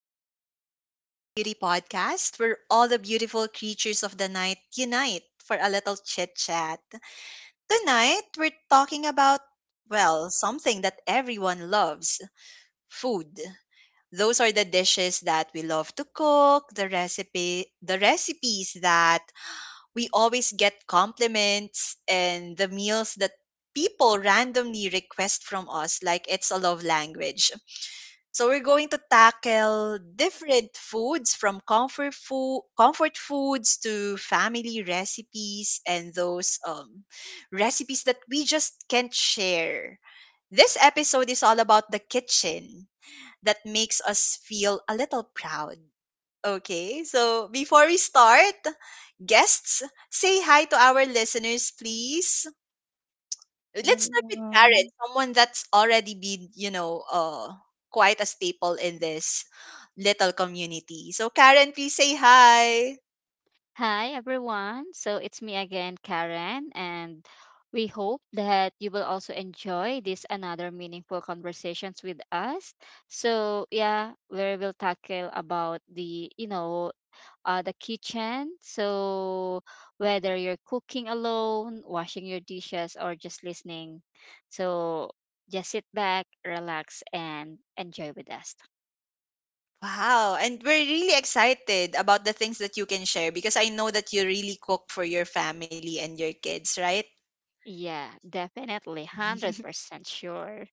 back to the Sleepless Beauty podcast, where all the beautiful creatures of the night unite for a little chit chat. Tonight, we're talking about, well, something that everyone loves food. Those are the dishes that we love to cook, the recipes that we always get compliments, and the meals that people randomly request from us like it's a love language. So we're going to tackle different foods from comfort foods to family recipes and those recipes that we just can't share. This episode is all about the kitchen that makes us feel a little proud. Okay, so before we start, guests, say hi to our listeners, please. Let's start with Karen, Everyone, someone that's already been, quite a staple in this little community. So, Karen, please say hi. Hi, everyone. So it's me again, Karen, and we hope that you will also enjoy this another meaningful conversations with us. So yeah, where we'll tackle about the kitchen. So whether you're cooking alone, washing your dishes, or just listening, so just sit back, relax, and enjoy with us. Wow. And we're really excited about the things that you can share because I know that you really cook for your family and your kids, right? Yeah, definitely, hundred percent sure.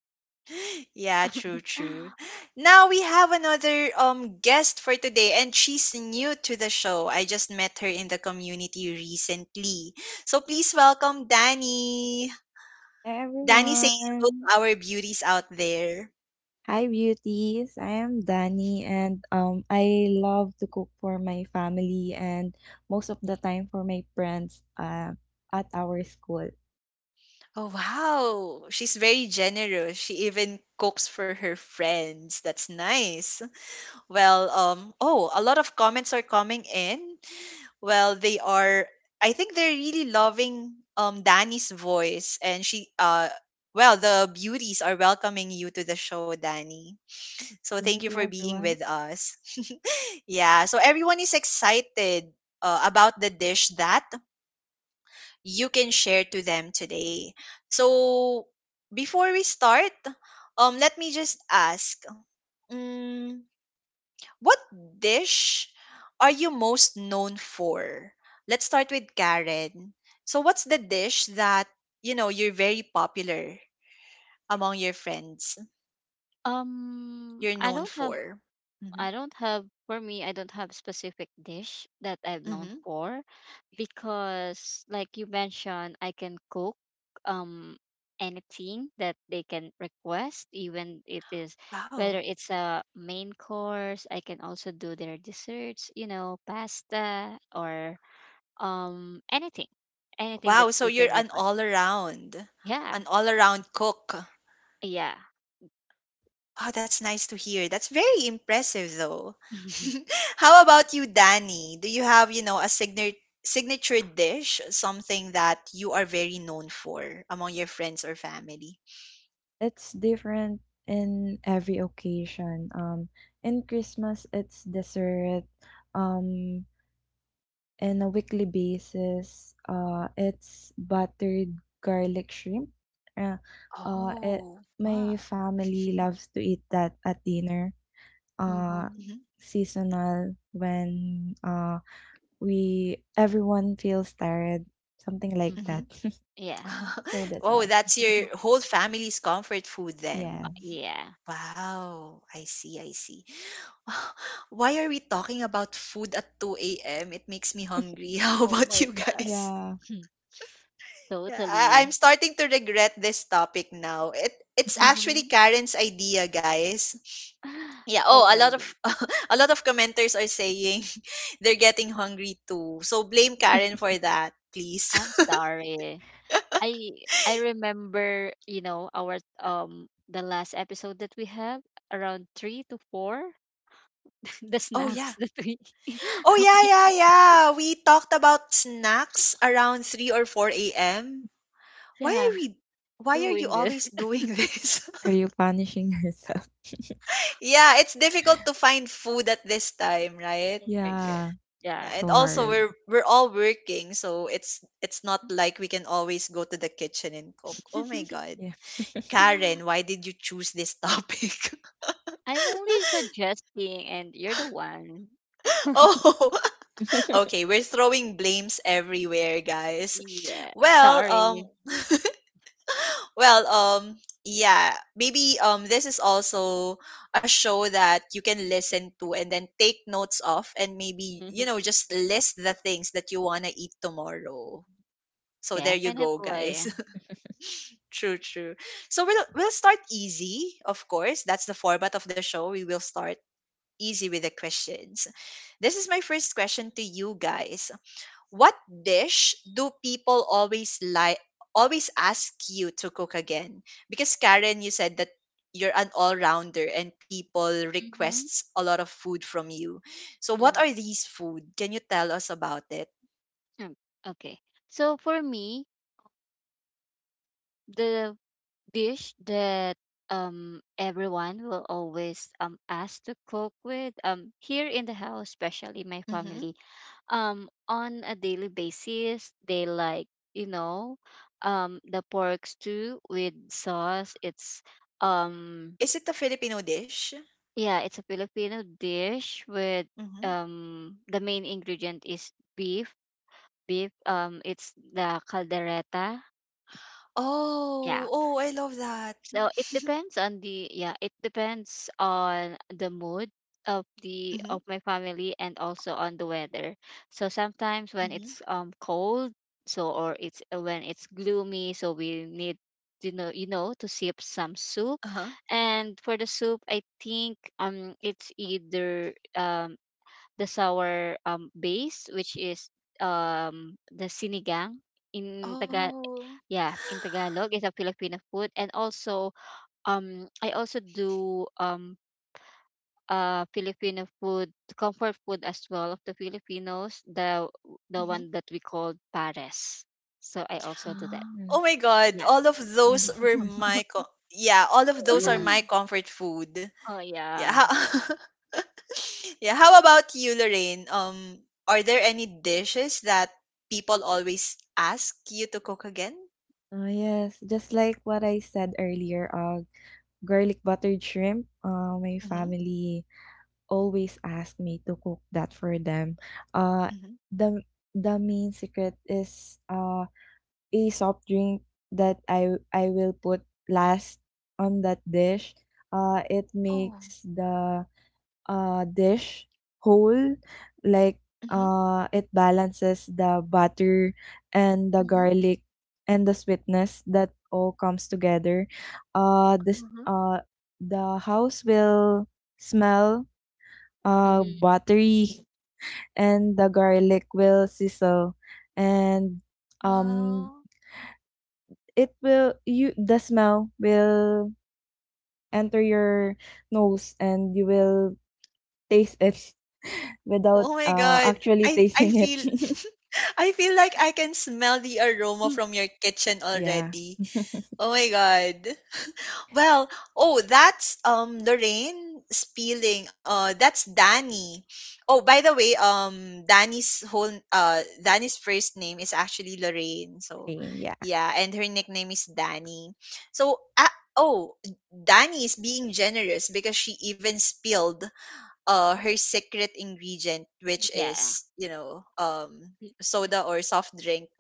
Yeah, true, true. Now we have another guest for today, and she's new to the show. I just met her in the community recently. So please welcome Danny. Danny, say hello everyone. to our beauties out there. Hi, beauties. I am Dani, and I love to cook for my family and most of the time for my friends at our school. Oh, wow. She's very generous. She even cooks for her friends. That's nice. Well, oh, a lot of comments are coming in. Well, they are, I think they're really loving Danny's voice, and she well, the beauties are welcoming you to the show, Danny. So thank you Thank you, for being everyone. with us. Yeah, so everyone is excited about the dish that you can share to them today. So, before we start, let me just ask um, what dish are you most known for? Let's start with Karen. So, what's the dish that you know you're very popular among your friends? Um, You're I known don't have for. Hmm. I don't have for me I don't have specific dish that I'm known Hmm. for because like you mentioned I can cook um anything that they can request, even it is whether Wow. it's a main course. I can also do their desserts, pasta or anything. Anything that Wow. So, you can you're request. Yeah. an all around cook. Yeah. Oh, that's nice to hear. That's very impressive, though. How about you, Danny? Do you have, you know, a signature dish, something that you are very known for among your friends or family? It's different in every occasion. In Christmas, it's dessert. Um, in a weekly basis. It's buttered garlic shrimp. Uh, uh, it, Oh, my Wow. family loves to eat that at dinner. Uh, Mhm. mhm, Seasonal when we everyone feels tired, something like Mhm. mhm. that. Yeah. So that's Oh, all. that's your whole family's comfort food then. Yes. Yeah. Wow, I see, I see. Why are we talking about food at 2 a.m.? It makes me hungry. How Oh about my you god. guys? Yeah. Hmm. I'm Totally. starting to regret this topic now. It's actually Mm-hmm. Karen's idea, guys. Yeah, oh, Oh a my lot of god. a lot of commenters are saying they're getting hungry too. So blame Y- Karen for that, please. I'm sorry. I I remember, our the last episode that we have around 3 to 4 the Oh, yeah. snacks that we, Oh, yeah, we yeah, yeah. We talked about snacks around 3 or 4 a.m. Why yeah are we why are you doing this. always doing this? Are you punishing yourself? Yeah, it's difficult to find food at this time, right? Oh my god. Yeah. Yeah, Yeah. and So also hard. We're all working, so it's not like we can always go to the kitchen and cook. Oh my god. Yeah. Karen, why did you choose this topic? I'm only suggesting, and you're the one. Oh, okay, we're throwing blames everywhere, guys. Yeah. Well, um Sorry. Well, yeah, maybe this is also a show that you can listen to and then take notes of, and maybe, you Mhm. know, just list the things that you wanna eat tomorrow. So there you go, guys. Definitely. True, true. So we'll start easy, of course. That's the format of the show. We will start easy with the questions. This is my first question to you guys. What dish do people always like always ask you to cook again? Because Karen, you said that you're an all-rounder and people Mm-hmm. requests a lot of food from you. So what Mm-hmm. are these food? Can you tell us about it? Um, okay. So for me, the dish that everyone will always ask to cook with here in the house, especially my Hmm. family, on a daily basis, they like, you know the pork stew with sauce. It's um Is it a Filipino dish? yeah, it's a Filipino dish with, Hmm. The main ingredient is beef. It's the caldereta. Yeah. Oh, oh, I love that. So it depends on the yeah, it depends on the mood of the Mhm, of my family, and also on the weather. So sometimes when mhm, it's cold, or it's when it's gloomy, so we need, to sip some soup. uh-huh. And for the soup, I think it's either, the sour, base, which is the sinigang. in taga Oh, yeah in Tagalog, is a Filipino food. And also, I also do Filipino food, comfort food as well, of the Filipinos, the mhm. one that we call pares. So I also do that. Mm. Oh my God, Yeah. all of Mm. those were my co yeah, all of those are Yeah. my comfort food. Oh Yeah. yeah. How yeah, how about you, Lorraine? Are there any dishes that people always ask you to cook again? Oh yes, just like what I said earlier, garlic buttered shrimp. My Mm-hmm. family always ask me to cook that for them. Uh, Mm-hmm. the main secret is a soft drink that I will put last on that dish. It Oh. makes the dish whole like Mm-hmm. It balances the butter and the Mm-hmm. garlic and the sweetness that all comes together this Uh-huh. The house will smell Hmm. buttery and the garlic will sizzle and um, Wow. it will you the smell will enter your nose and you will taste it without, Oh my God. actually I I tasting it. feel I feel like I can smell the aroma from your kitchen Yeah. already. Oh my god. Well, oh, that's Lorraine spilling. That's Danny. Oh, by the way, Danny's first name is actually Lorraine. So, Plain, yeah, yeah, and her nickname is Danny. So, uh, oh, Danny is being generous because she even spilled her secret ingredient, which Yeah. is, soda or soft drink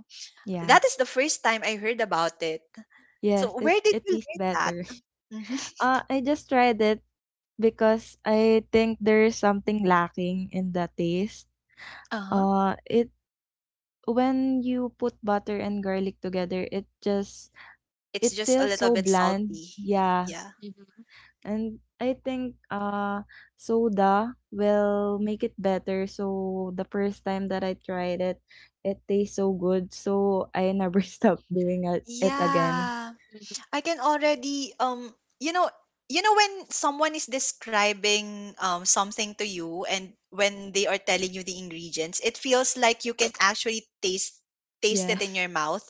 yeah. that is the first time I heard about it. Yes, So it where did it you tastes learn that? better. Hmm. I just tried it because I think there's something lacking in the taste. Uh-huh. It When you put butter and garlic together, it just It's it just a feels little so bit bland. salty. Yeah. Yeah. Mhm. And I think soda will make it better. So the first time that I tried it, it tastes so good. So I never stopped doing it again. Yeah. Mhm. I can already you know, when someone is describing something to you, and when they are telling you the ingredients, it feels like you can actually taste it in Yes, your mouth.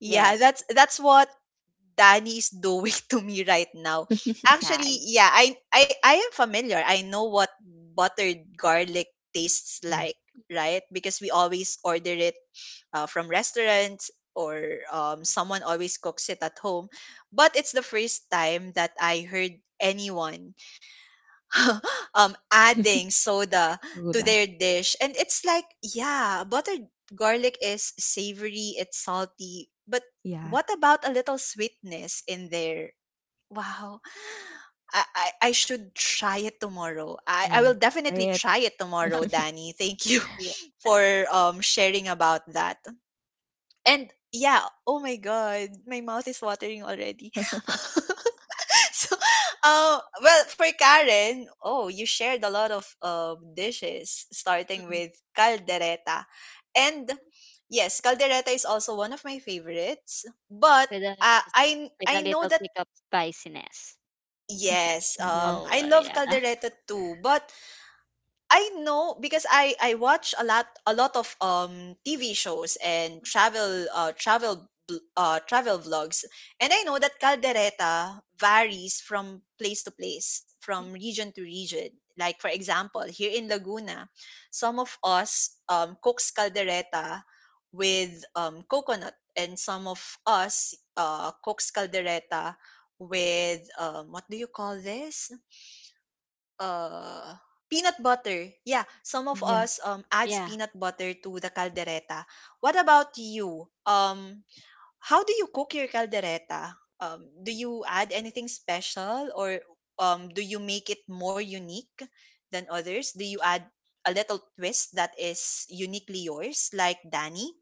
Yeah, Yes. that's what Danny is doing to me right now. Yeah. Actually, yeah, I am familiar. I know what buttered garlic tastes yeah. like, right? Because we always order it from restaurants or someone always cooks it at home. But it's the first time that I heard anyone adding soda to Soda. their dish, and it's like, yeah, buttered garlic is savory, it's salty, but Yeah. what about a little sweetness in there? Wow. I should try it tomorrow. I Yeah. will definitely Right. try it tomorrow, Danny. Thank you Yeah. for sharing about that. And yeah, oh my god, my mouth is watering already. So, well, for Karen, oh, you shared a lot of dishes, starting Mhm. with caldereta. And yes, caldereta is also one of my favorites. But With a, with I a know little that kick of spiciness. yes, Oh, I Yes. Love yeah. caldereta too. But I know because I watch a lot of TV shows and travel vlogs, and I know that caldereta varies from place to place, from region to region, like for example here in Laguna, some of us cooks caldereta with coconut, and some of us cooks caldereta with what do you call this uh peanut butter. Yeah, some of us Yeah. Adds Yeah. peanut butter to the caldereta. What about you? How do you cook your caldereta? Do you add anything special, or do you make it more unique than others? Do you add a little twist that is uniquely yours like Danny?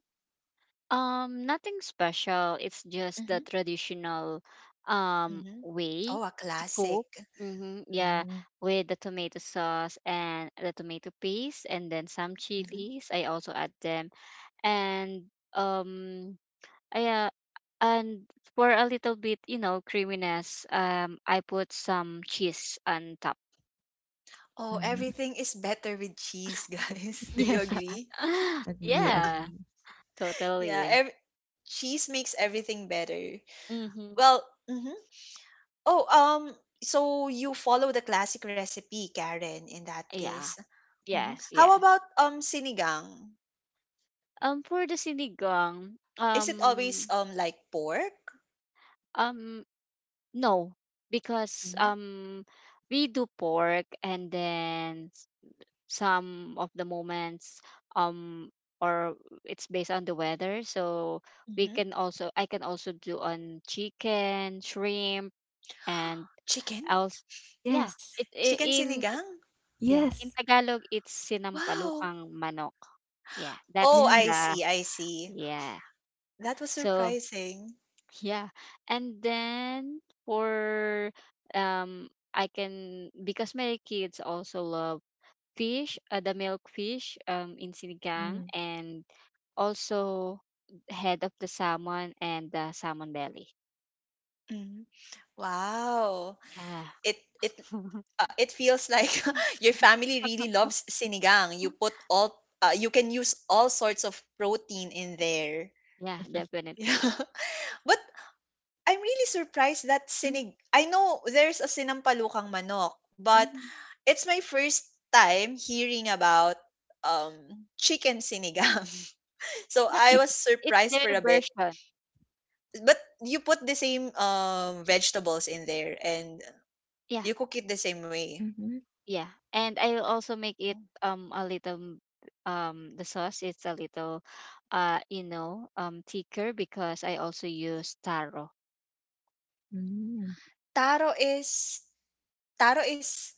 Nothing special. It's just the Mhm. traditional Mhm. way Oh, a to classic. cook. Mm-hmm. Yeah, Mm, with the tomato sauce and the tomato paste, and then some Mhm. chilies. I also add them, and um, I, uh, and for a little bit, you know, creaminess. I put some cheese on top. Oh, mm. everything is better with cheese, guys. Do Yeah, you agree? Agree, yeah, agree. Yeah, totally. ev- Cheese makes everything better. Mm-hmm. Well, mhm. Oh, so you follow the classic recipe, Karen, in that Yeah. case. Mhm. Yes. How Yes. about sinigang? For the sinigang, Is it always like pork? um, no, because, Hmm. We do pork and then some of the moments, um, or it's based on the weather. So we Hmm. can also, I can also do on chicken, shrimp, and Chicken? else. Yeah, Yes. it, I Chicken in sinigang? yeah in Yes. Tagalog it's Wow. sinampalukang manok. Yeah, that's Oh, Yes. I the see, I see. yeah. That was So, surprising. yeah. And then for um I can, because my kids also love fish, the milk fish in sinigang, Mm. and also head of the salmon and the salmon belly. Mhm. Wow. Yeah. it it it feels like your family really loves sinigang. You put all you can use all sorts of protein in there. Yeah, Yeah. definitely. But I'm really surprised that Mm-hmm. sinig I know there's a sinampalukang manok, but Mm-hmm. it's my first time hearing about um chicken sinigang. So Yeah, I it was it's surprised their for a bit. version. But you put the same vegetables in there, and Yeah. you cook it the same way. Mm-hmm. Yeah, and I'll also make it Oh. A little the sauce, it's a little, thicker, because I also use taro. Mm. Taro is Taro is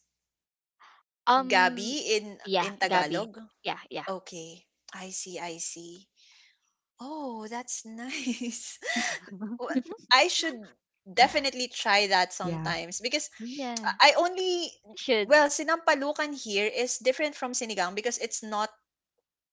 Um, gabi in yeah, Gabi. Tagalog? Yeah, yeah. Okay. I see, I see. Oh, that's nice. Wa I should definitely try that Yeah. sometimes, because Yeah. I only Should. well, sinampalukan here is different from sinigang because it's not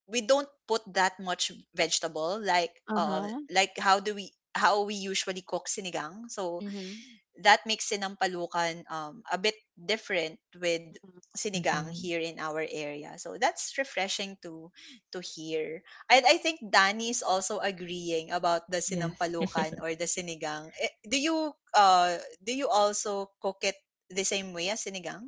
we don't put that much vegetable like Uh-huh. How we usually cook sinigang. So Mhm. that makes sinampalukan a bit different with Mhm. sinigang Mm-hmm. here in our area. So that's refreshing to hear. And I think Danny is also agreeing about the Yes. sinampalukan or the sinigang. Eh, do you do you also cook it the same way as sinigang?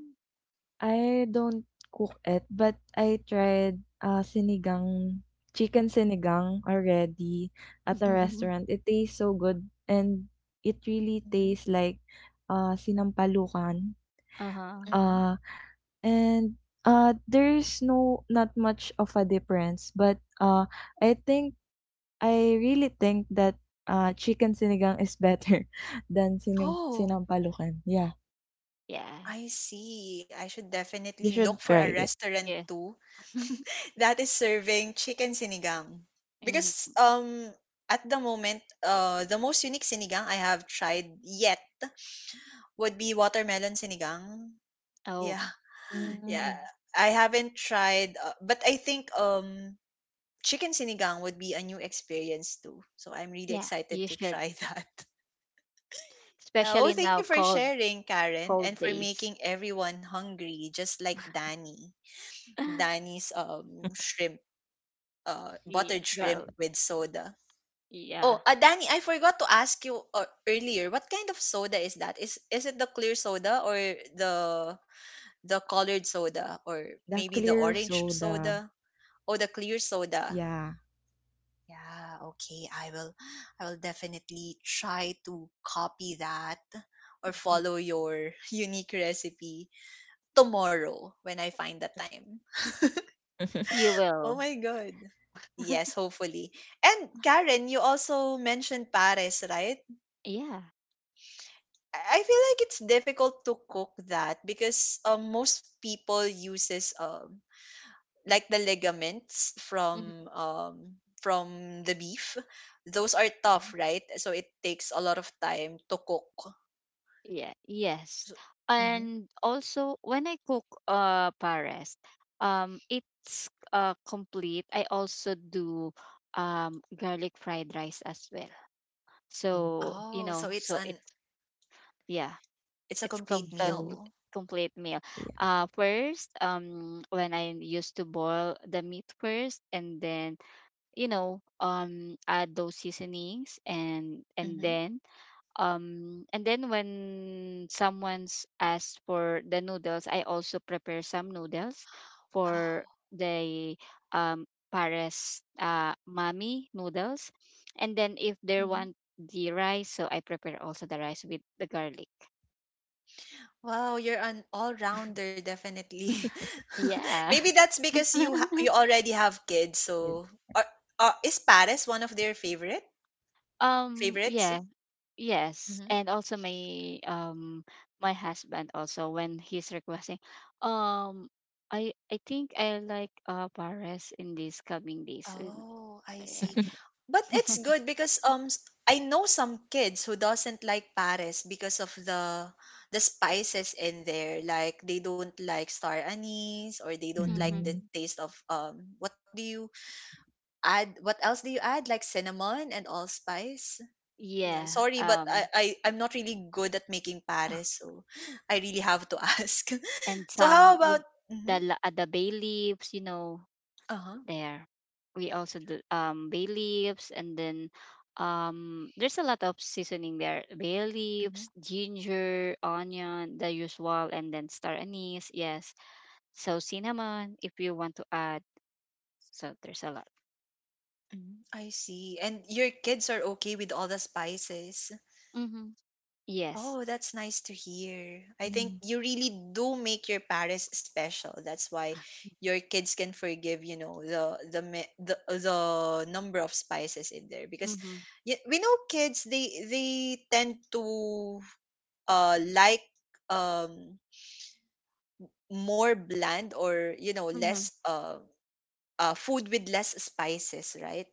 I don't cook it, but I tried, sinigang, chicken sinigang already at a Mm-hmm. restaurant. It tastes so good and it really Mm-hmm. tastes like, sinampalukan. Uh-huh. Mm-hmm. Ah, and, there's no not much of a difference, but, I think I really think that, chicken sinigang is better than sinim Oh, sinampalukan. Yeah, Yeah. I see. I should you definitely look should for a try it. restaurant Yeah. too that is serving chicken sinigang. Mhm. Because at the moment, the most unique sinigang I have tried yet would be watermelon sinigang. Oh, Yeah. Mm, Yeah. Hmm. I haven't tried but I think chicken sinigang would be a new experience too. So I'm really yeah, excited you to should. try that. Yeah, oh, Especially thank now you for cold, sharing, Karen, and cold for days. making everyone hungry just like Danny. Danny's shrimp Yeah, Buttered shrimp girl. with soda. Yeah. Oh, Danny, I forgot to ask you earlier. What kind of soda is that? Is it the clear soda, or the the colored soda, or The maybe the clear orange soda. soda or the clear soda? Yeah. Yeah, okay. I will definitely try to copy that or follow your unique recipe tomorrow when I find the time. You Oh will. my god. Yes, hopefully. And Karen, you also mentioned Paris, right? Yeah. I feel like it's difficult to cook that because most people uses like the ligaments Mm-hmm. from the beef. Those are tough, right? So it takes a lot of time to cook. Yeah, yes. So, mhm. And also when I cook pares, it's complete. I also do garlic fried rice as well. So, Oh, so it's so an it's, yeah, it's a it's complete complete Combo. meal. complete meal. Yeah. First, when I used to boil the meat first, and then, add those seasonings, and Hmm. then, and then when someone's asked for the noodles, I also prepare some noodles for Wow. the, pares, mommy noodles. And then if they Hmm. want the rice, so I prepare also the rice with the garlic. Wow, you're an all-rounder definitely. Yeah. Maybe that's because you already have kids. Yes. So are, is Paris one of their favorites? Favorites? Yeah. Yes, Mhm. and also my, my husband, also when he's requesting, um I think I like Paris in these coming days. Oh, I see. But it's good because I know some kids who doesn't like pares because of the spices in there. Like they don't like star anise or they don't like Mm-hmm. the Mm. taste of what do you add? What else do you add? Like cinnamon and allspice? Yeah, Yeah, sorry, but I, um I I'm not really good at making pares, so I really have to ask. and So how some about? y- the Hmm. la- the bay leaves, you know, Uh-huh. there. We also do bay leaves, and then, there's a lot of seasoning there. Bay Mm-hmm. leaves, ginger, onion, the usual, and then star anise. Yes. So cinnamon, if you want to add. So there's a lot. Mm, I see. And your kids are okay with all the spices. Mm-hmm. Yes. Oh, that's nice to hear. I think Mm. you really do make your Paris special. That's why your kids can forgive, you know, the number of spices in there because Mm-hmm. We know kids they tend to like um more bland, or you know Mm-hmm. less food with less spices, right?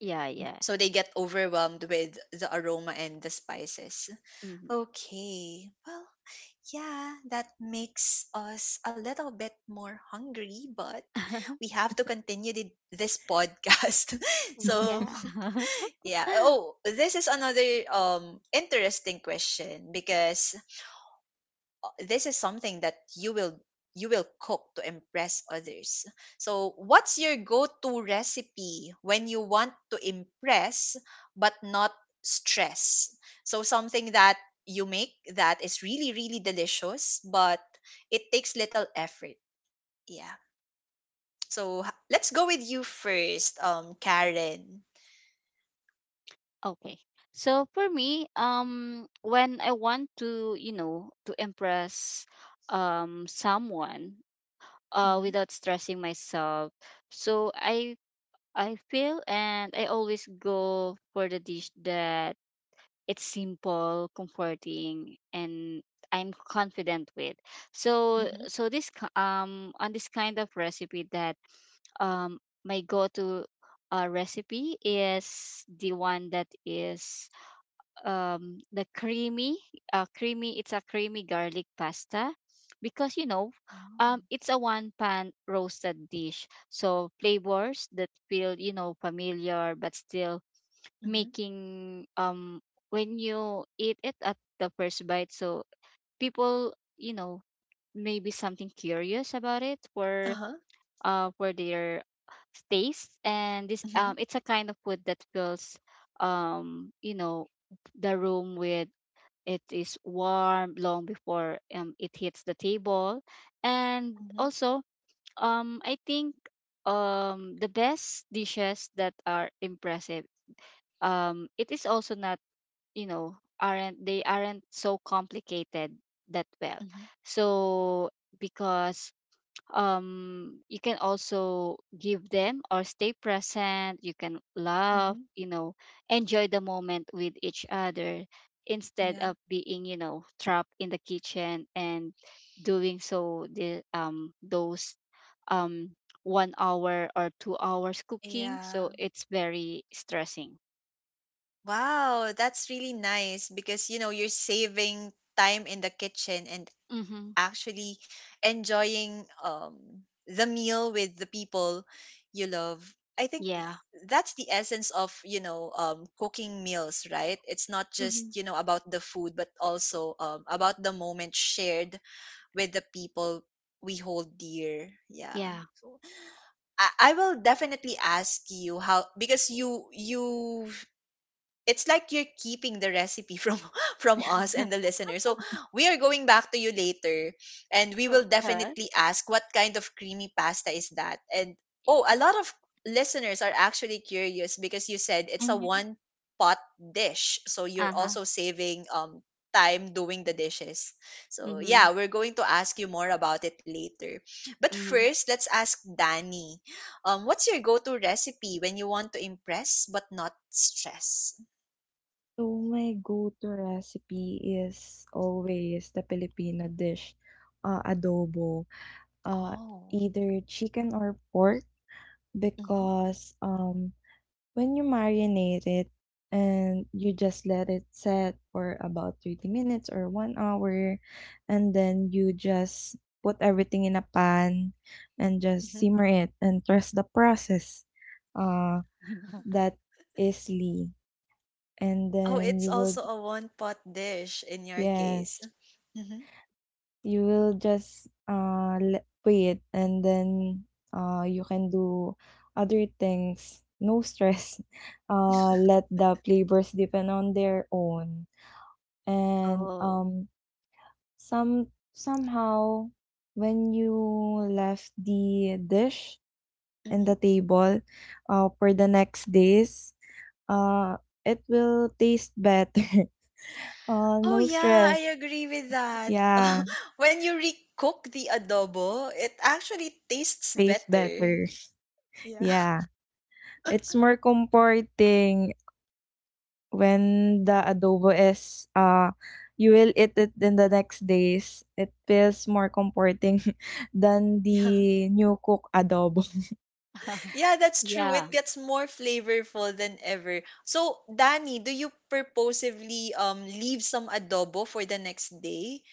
Yeah, yeah. So they get overwhelmed with the aroma and the spices. Mm-hmm. Okay. Well, yeah, that makes us a little bit more hungry, but we have to continue this podcast. So, Yeah. yeah. Oh, this is another interesting question because this is something that you will cook to impress others. So, what's your go-to recipe when you want to impress but not stress? So, something that you make that is really really delicious but it takes little effort. Yeah. So, let's go with you first, Karen. Okay. So for me, when I want to, to impress someone, Mhm. without stressing myself, so I feel and I always go for the dish that it's simple, comforting, and I'm confident with. So Mhm. so on this kind of recipe that, my go-to, recipe is the one that is, the creamy creamy it's a creamy garlic pasta, because, Oh. It's a one pan roasted dish. So flavors that feel, familiar, but still Mhm. making, when you eat it at the first bite, so people, maybe something curious about it for, Uh-huh. For their taste. And this, Mhm. it's a kind of food that fills, um you know the room with, it is warm long before, it hits the table. And Mhm. also, I think the best dishes that are impressive, it is also not, aren't, they aren't so complicated that, well, Mhm. so, because, you can also give them or stay present. You can laugh, Mhm. Enjoy the moment with each other, instead Yeah. of being, trapped in the kitchen and doing so the, those, um 1 hour or 2 hours cooking. Yeah. So it's very stressing. Wow, that's really nice because you know you're saving time in the kitchen and Mm-hmm. actually enjoying the meal with the people you love. I think Yeah. that's the essence of, you know, cooking meals, right? It's not just, Mm-hmm. you know, about the food but also about the moment shared with the people we hold dear. Yeah. Yeah. I will definitely ask you how because you it's like you're keeping the recipe from from us and the listener. So we are going back to you later and we will Okay. definitely ask what kind of creamy pasta is that. And oh, a lot of listeners are actually curious because you said it's a Mhm. one pot dish. So you're Uh-huh. also saving time doing the dishes. So Mhm. yeah, we're going to ask you more about it later. But Mhm. first, let's ask Danny. What's your go-to recipe when you want to impress but not stress? So my go-to recipe is always the Filipino dish, adobo, uh, Oh. either chicken or pork Mhm, because, when you marinate it and you just let it set for about 30 minutes or 1 hour and then you just put everything in a pan and just mhm. simmer it and trust the process uh that is Lee and Oh, then it's you will also a one pot dish in your case. yes Mhm. you will just wait and then you can do other things, no stress. Let the players depend on their own. And Oh. Some somehow when you left the dish in Mhm. the table for the next days, uh it will taste better. Oh No yeah, I stress. agree with that. Yeah, When you recook the adobo, it actually tastes taste better. better. Yeah. Yeah. It's more comforting when the adobo is, you will eat it in the next days. It feels more comforting than Yeah. the new cook adobo. Yeah, that's true. Yeah. It gets more flavorful than ever. So, Danny, do you purposively leave some adobo for the next day?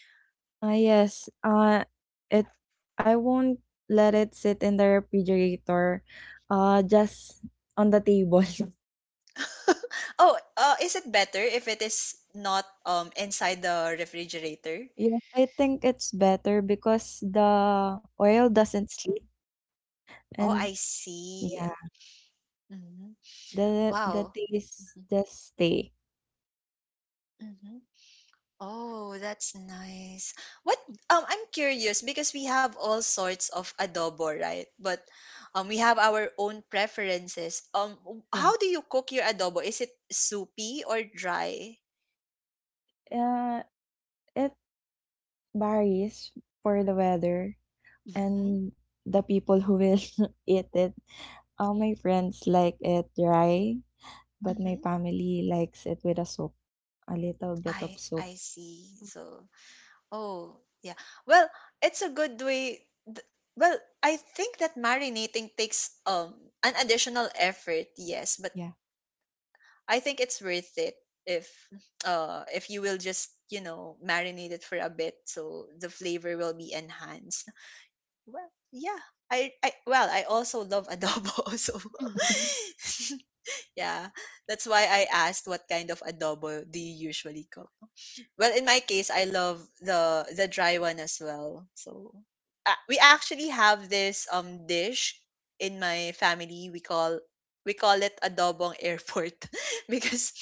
Ah, yes, it I won't let it sit in the refrigerator, just on the table. Oh, is it better if it is not inside the refrigerator? Yeah, I think it's better because the oil Mm. doesn't sleep Oh, and I see. yeah, Mhm. The Wow. taste just stay. Mhm. Oh, that's nice. What I'm curious because we have all sorts of adobo, right? But we have our own preferences. Um, Yeah. how do you cook your adobo? Is it soupy or dry? Uh, It varies for the weather Mhm. and the people who will eat it. All my friends like it dry, but my Mhm. family likes it with a soup, a little bit of soup. I see. So, oh, yeah. Well, it's a good way well, I think that marinating takes an additional effort, yes, but Yeah. I think it's worth it if if you will just you know marinate it for a bit so the flavor will be enhanced. Well, yeah. I well I also love adobo so Mhm. yeah that's why I asked what kind of adobo do you usually cook. Well, in my case, I love the dry one as well. So we actually have this dish in my family. We call it adobong airport because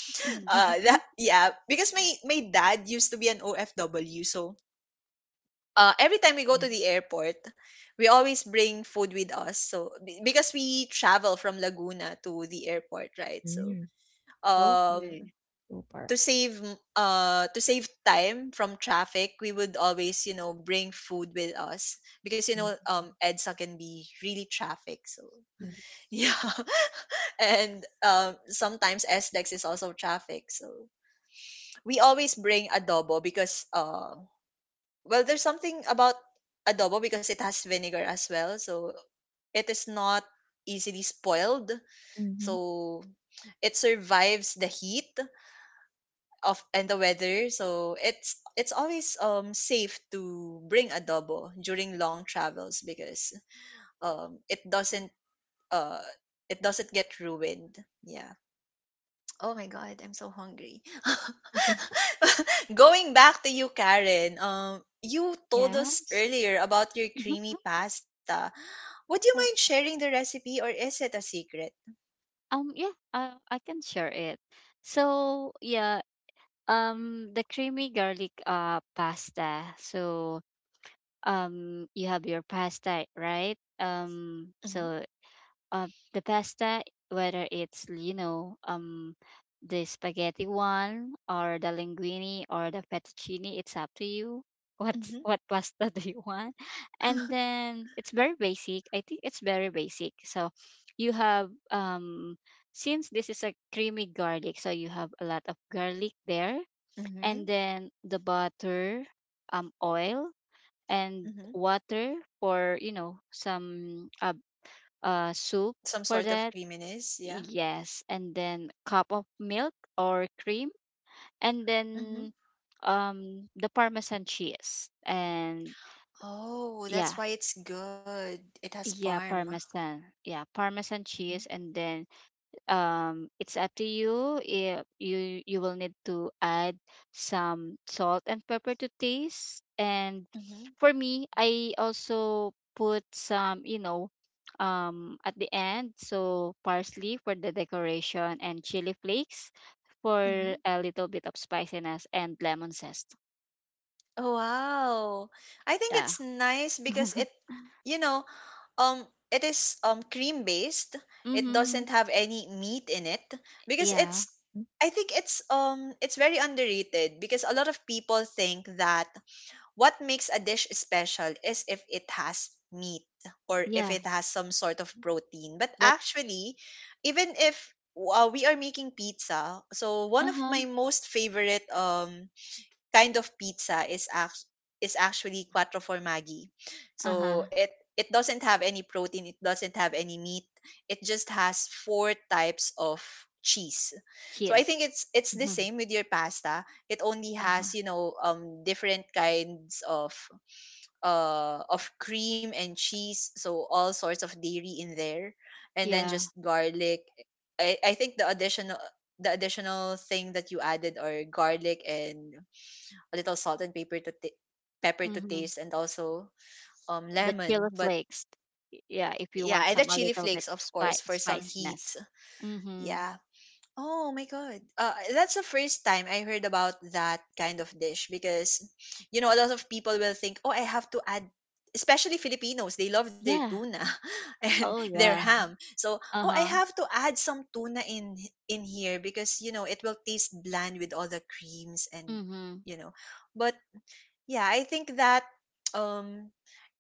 that yeah because my dad used to be an OFW. So uh, every time we go Yeah. to the airport we always bring food with us because we travel from Laguna to the airport, right? So Mm, um, Okay. super. Uh, to save time from traffic we would always you know bring food with us because you know Mm, edsa can be really traffic. So Mhm. yes. yeah, and sometimes SLEX is also traffic, so we always bring adobo because well there's something about adobo because it has vinegar as well, so it is not easily spoiled, Mm-hmm. so it survives the heat of and the weather, so it's always safe to bring adobo during long travels because um it doesn't uh it doesn't get ruined, yeah. Oh my god, I'm so hungry. Going back to you, Karen. You told us Yes. earlier about your Mhm. creamy pasta. Would you Uh, mind sharing the recipe, or is it a secret? um, yeah, I can share it. So, yeah, the creamy garlic pasta. So, you have your pasta, right? Mm-hmm. Uh, the pasta, whether it's, the spaghetti one, or the linguine, or the fettuccine, it's up to you. What Mm-hmm. what pasta do you want? And then it's very basic. I think it's very basic. So you have, since this is a creamy garlic, so you have a lot of garlic there, and Mm-hmm. then the butter, oil, and Mm-hmm. water for, some, soup Some for sort of that. creaminess, yeah. Yes, and then cup of milk or cream, and Mm-hmm. then, the parmesan cheese. And Oh, yeah, that's why it's good. It has parm. Yeah, parmesan Mm-hmm. cheese, and then, it's up to you, if you, you will need to add some salt and pepper to taste. And Mm-hmm. for me, I also put some, at the end, so parsley for the decoration, and chili flakes for Mm-hmm. a little bit of spiciness, and lemon zest. Oh, wow. I think Yeah. it's nice because it, you know, it is cream based. It doesn't Mm-hmm. have any meat in it because Yeah. it's. I think it's very underrated because a lot of people think that what makes a dish special is if it has meat or if Yeah. it has some sort of protein. But But actually, even if we are making pizza, so one of uh-huh. my most favorite kind of pizza is actually quattro formaggi. So Uh-huh. It doesn't have any protein, it doesn't have any meat. It just has four types of cheese. So I Cheers. think it's the same with your pasta. It only Uh-huh. has, you know, different kinds of cream and cheese, so all sorts of dairy in there and then Yeah. just garlic. I think the additional thing that you added are garlic and a little salt and pepper to Mm-hmm. taste, and also The lemon. chili But flakes. Yeah, if you yeah, want and the some a chili little bit flakes, of of course, for some heat. spiciness. Mhm. Yeah. Oh my god. That's the first time I heard about that kind of dish because, you know, a lot of people will think, oh, I have to add. Especially Filipinos, they love their Yeah. tuna and Oh their yeah. ham. So, oh, I Uh-huh. have to add some tuna in here because you know it will taste bland with all the creams and Mhm. you know. But yeah, I think that um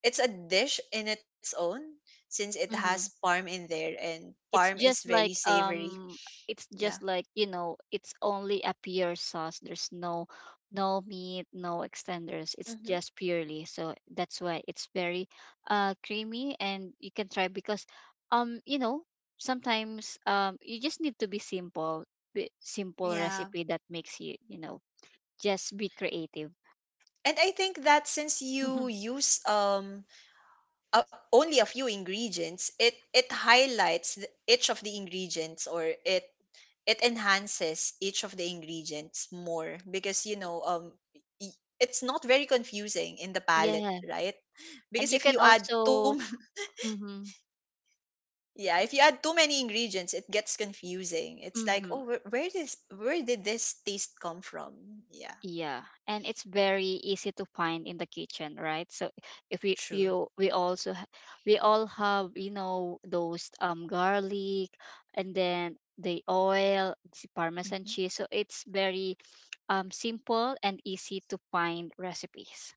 it's a dish in its own since it has Mhm. parm in there and parm it's is just very like savory. um it's Yeah. just like, it's only a pure sauce. There's no, no meat, no extenders. It's Hmm. just purely, so that's why it's very, creamy. And you can try, because, um you know sometimes, you just need to be simple. Simple Yeah. recipe that makes you, you know just be creative. And I think that since you use only a few ingredients, it highlights each of the ingredients, or it enhances each of the ingredients more because you Y- know um, y- it's not very confusing in the palate, yeah. right? And Because you if can you add too also, mm-hmm, yeah, if you add too many ingredients, it gets confusing. It's like, mm-hmm, oh, where did this taste come from? Yeah, yeah, and it's very easy to find in the kitchen, right? So, if we true. you we also ha- we all have, those, garlic, and then the oil, the parmesan Mhm. cheese. So it's very, simple and easy to find recipes.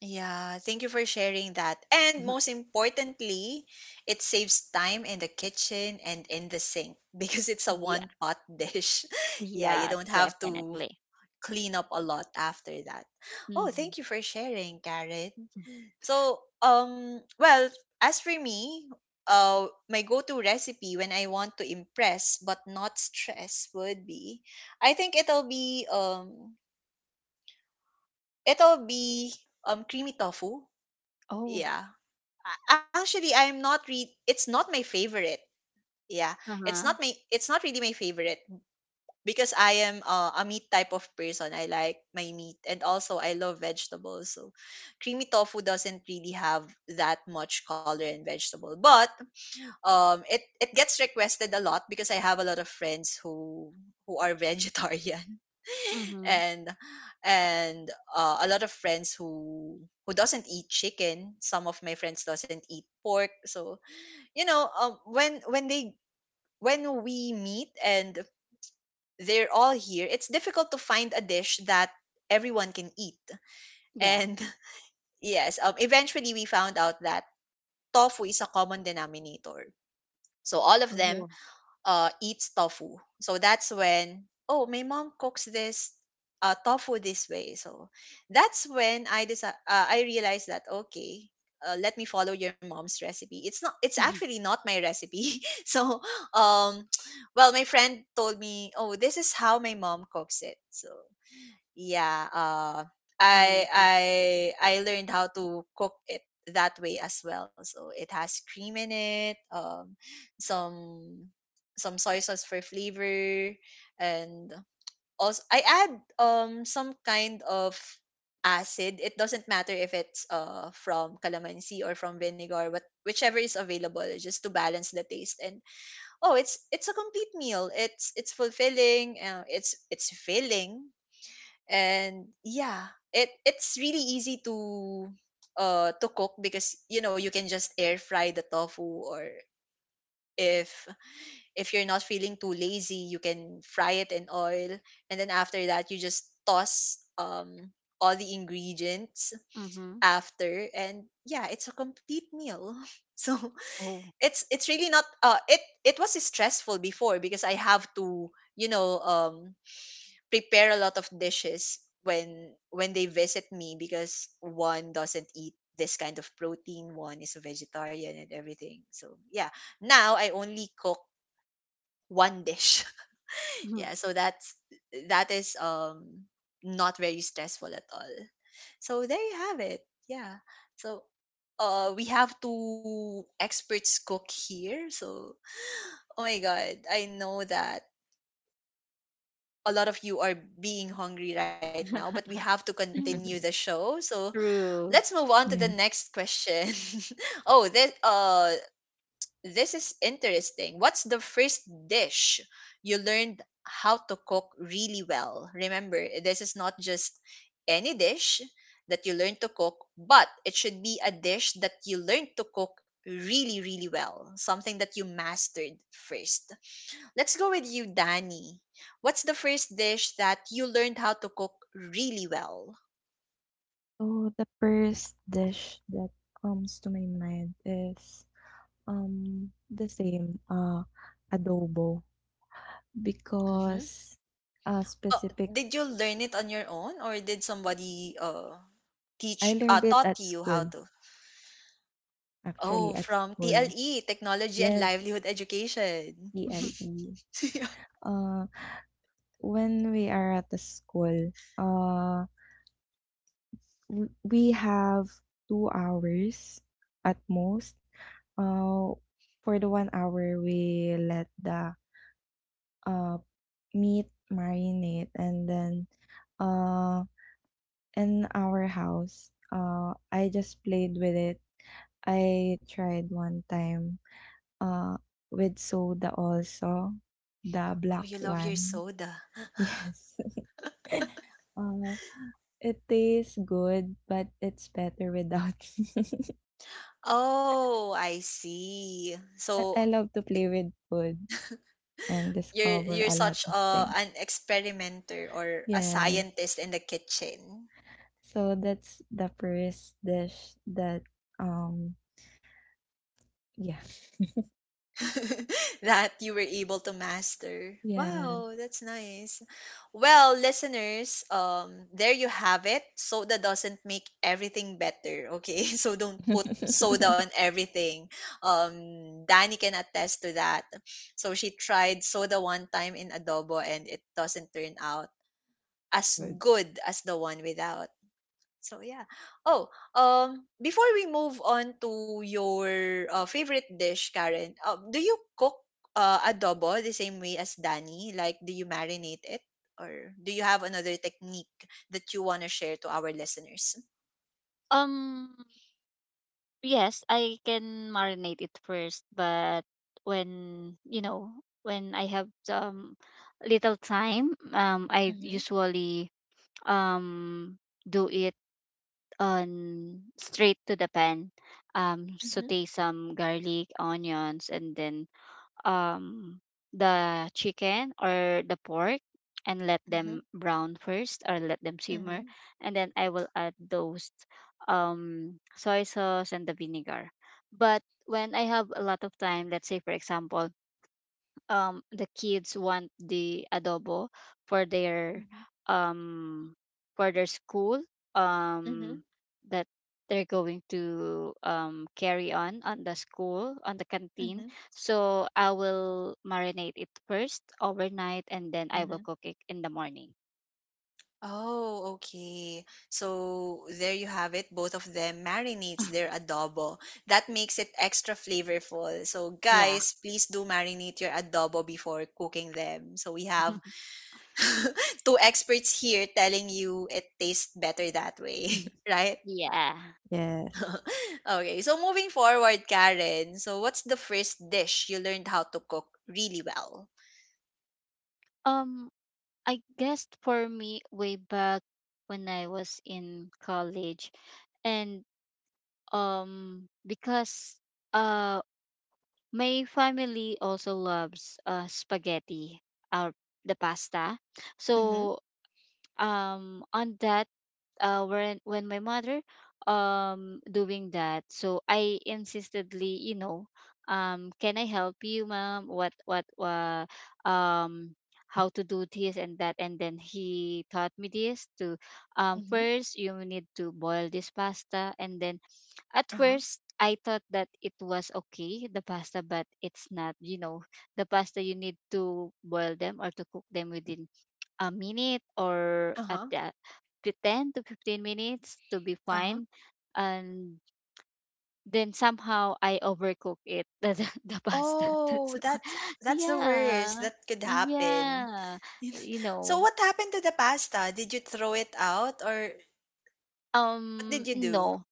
Yeah, thank you for sharing that. And most importantly, it saves time in the kitchen and in the sink because it's a Mhm. Yeah, one pot dish. Yeah, you yeah, don't have to definitely. clean up a lot after that. Oh, Hmm. thank you for sharing, Karen. So, well, as for me, my go-to recipe when I want to impress but not stress would be, I think it'll be creamy tofu. Oh, Yeah, actually, I'm not re- it's not my favorite. Yeah, uh-huh. It's not really my favorite because I am a meat type of person. I like my meat, and also I love vegetables. So, creamy tofu doesn't really have that much color and vegetable, but it it gets requested a lot because I have a lot of friends who are vegetarian Mm-hmm. and and a lot of friends who doesn't eat chicken, some of my friends doesn't eat pork, so you know when they when we meet and they're all here, it's difficult to find a dish that everyone can eat Yeah. and yes eventually we found out that tofu is a common denominator, so all of them Oh. Eats tofu. So that's when, oh, my mom cooks this tofu this way. So that's when I realized that okay, let me follow your mom's recipe. It's not it's actually not my recipe. Um well, my friend told me, "Oh, this is how my mom cooks it." So yeah uh i Mm-hmm. i I learned how to cook it that way as well, so it has cream in it, some some soy sauce for flavor, and also I add some kind of acid. It doesn't matter if it's from calamansi or from vinegar, but whichever is available, just to balance the taste. And it's a complete meal. It's fulfilling, it's filling. And yeah, it's really easy to cook, because you know, you can just air fry the tofu, or if if you're not feeling too lazy, you can fry it in oil, and then after that you just toss all the ingredients Mm-hmm. after. And yeah, it's a complete meal. So Oh. it's really not. It it was stressful before, because I have to, you know um prepare a lot of dishes when they visit me, because one doesn't eat this kind of protein, one is a vegetarian and everything. So yeah, now I only cook one dish. Yeah, so that is not very stressful at all. So there you have it. Yeah. So we have two experts cook here. So oh my god, I know that a lot of you are being hungry right now, but we have to continue the show. So let's True. move on to the Yeah. next question. Oh, this is interesting. What's the first dish you learned how to cook really well? Remember, this is not just any dish that you learn to cook, but it should be a dish that you learned to cook really, really well. Something that you mastered first. Let's go with you, Danny. What's the first dish that you learned how to cook really well? So the first dish that comes to my mind is the same adobo Hmm. because Oh, specific did you learn it on your own, or did somebody I teach learned it taught at you how school, to? actually Oh, at from school. TLE, Technology and Yes, Livelihood Education. ELE. Yeah. uh when we are at the school, we have 2 hours at most. uh for the 1 hour we let the uh meat marinade and then uh in our house I just played with it. I tried one time uh with soda also, the Oh, black you love your one. soda. Yes. uh it tastes good but it's better without. Oh, I see. So I love to play with food and discover you're a lot such of a things. an experimenter or a Yes. scientist in the kitchen. So that's the first dish that um yeah. That you were able to master. Yeah. Wow, that's nice. Well, listeners, there you have it. Soda doesn't make everything better, okay? So don't put soda on everything. Danny can attest to that. So she tried soda one time in adobo and it doesn't turn out as Good. good as the one without. So yeah. Oh, before we move on to your favorite dish, Karen, do you cook adobo the same way as Danny? Like, do you marinate it, or do you have another technique that you want to share to our listeners? Um, yes, I can marinate it first, but when, you know, when I have some little time, I Mm-hmm, usually, um do it on straight to the pan. Mm-hmm, Saute some garlic, onions, and then, um the chicken or the pork, and let mm-hmm, them brown first, or let them mm-hmm, simmer, and then I will add those, soy sauce and the vinegar. But when I have a lot of time, let's say for example, the kids want the adobo for their, um for their school, mm-hmm, um that they're going to carry on the school on the mm-hmm, canteen. So I will marinate it first overnight, and then I will mm-hmm. cook it in the morning. Oh, okay. So there you have it. Both of them marinates their adobo. That makes it extra flavorful. So Yeah. guys, please do marinate your adobo before cooking them. So we have two experts here telling you it tastes better that way, right? Yeah. Yes. Okay, so moving forward, Karen, so what's the first dish you learned how to cook really well? um I guess for me way back when I was in college, and because uh my family also loves spaghetti or the pasta. Mm-hmm. So on that, when my mother doing that, so I insistedly, can I help you, mom? What um how to do this and that? And then he taught me this to, Mm-hmm. first you need to boil this pasta, and then at Uh-huh. first, I thought that it was okay, the pasta, but it's not. The pasta, you need to boil them or to cook them within a minute, or at Uh-huh. the, to 10 to 15 minutes to be Uh-huh. fine. And then somehow I overcook it, the pasta. Oh, That's why. that's the worst Yeah. that could happen. Yeah. You So know, what happened to the pasta? Did you throw it out, or what did you do? no,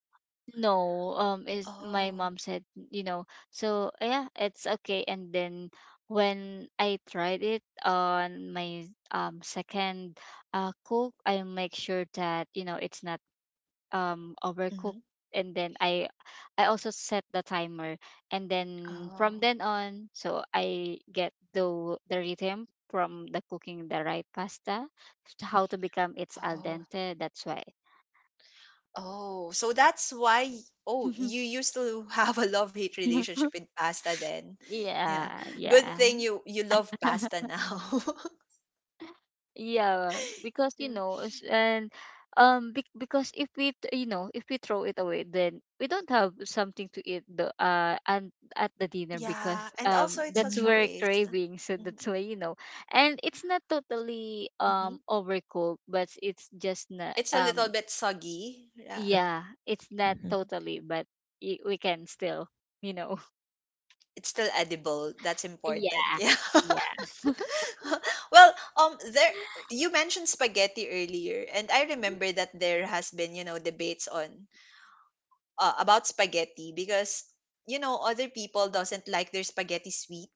no, is my Oh. mom said, you know, so yeah, it's okay. And then when I tried it on my, second, cook, I make sure that you know, it's not Hmm. overcooked. And then I, also set the timer, and then from Oh. then on, so I get the rhythm from the cooking the right pasta, how to become it's al Oh. dente. That's why. Oh. So that's why, oh, you used to have a love-hate relationship with pasta then. Yeah. Yeah, Good yeah. thing you you love pasta now. Yeah, because Yeah. you know, s- and bec because if we, you know, if we throw it away, then we don't have something to eat the and at the dinner, Yeah, because and also it's that's such a Mm, where waste. craving. So Hmm. that's why, you know, and it's not totally Hmm. Overcooked, but it's just not It's a little bit soggy. Yeah. yeah, it's not mhm, totally, but we can still, you know. It's still edible. That's Yeah. important. Yeah. Yeah. Well, there you mentioned spaghetti earlier, and I remember that there has been, you know, debates on about spaghetti, because you know, other people doesn't like their spaghetti sweet,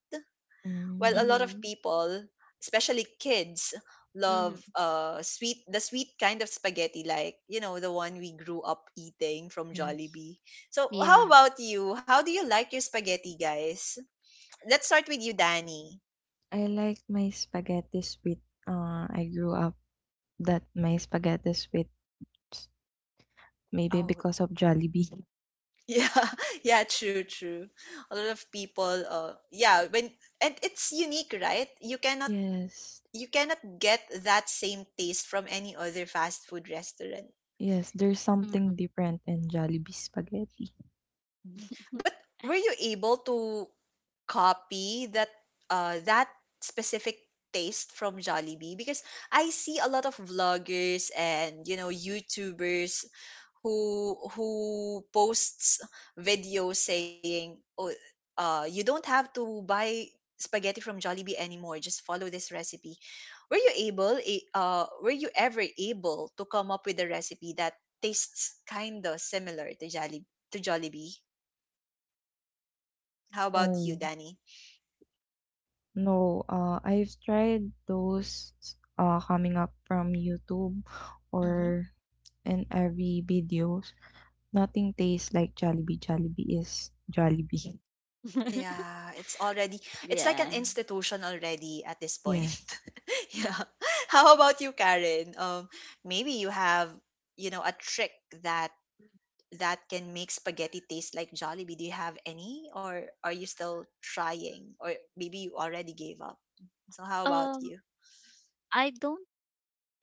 while mm, a lot of Mm-hmm. people, especially kids, love Mm-hmm. Sweet the sweet kind of spaghetti, like, you know, the one we grew up eating from yes. Jollibee. So, Yeah. how about you? How do you like your spaghetti, guys? Let's start with you, Danny. I like my spaghetti with I grew up that my spaghetti with maybe Oh, because of Jollibee. yeah, yeah, true, true. A lot of people, yeah, when and it's unique, right? Yes. You cannot get that same taste from any other fast food restaurant. Yes, there's Mm-hmm. something different in Jollibee spaghetti. Mhm. But were you able to copy that uh that specific taste from Jollibee? Because I see a lot of vloggers and you know YouTubers who posts videos saying, "Oh, you don't have to buy spaghetti from Jollibee anymore. Just follow this recipe." Were you able? Were you ever able to come up with a recipe that tastes kinda similar to Jollibee? How about you, No, Danny? no. I've tried those coming up from YouTube Hmm. or in every videos. Nothing tastes like Jollibee. Jollibee is Jollibee. Yeah, it's already it's like an Yeah. institution already at this point. Yes. Yeah. How about you, Karen? Maybe you have, you know, a trick that that can make spaghetti taste like Jollibee? Do you have any, or are you still trying, or maybe you already gave up? So how about Um, you? I don't.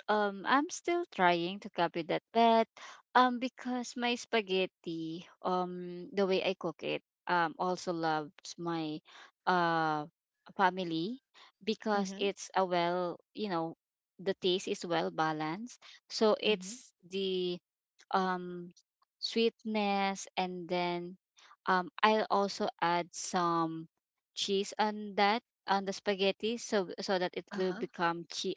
I'm still trying to copy that, but because my spaghetti, the way I cook it, also loves my, uh family, because Mm-hmm. it's a well, you know, the taste is well balanced. So Mm-hmm. it's the um sweetness, and then I'll also add some cheese on that, on the spaghetti, so so that it will Uh-huh. become cheese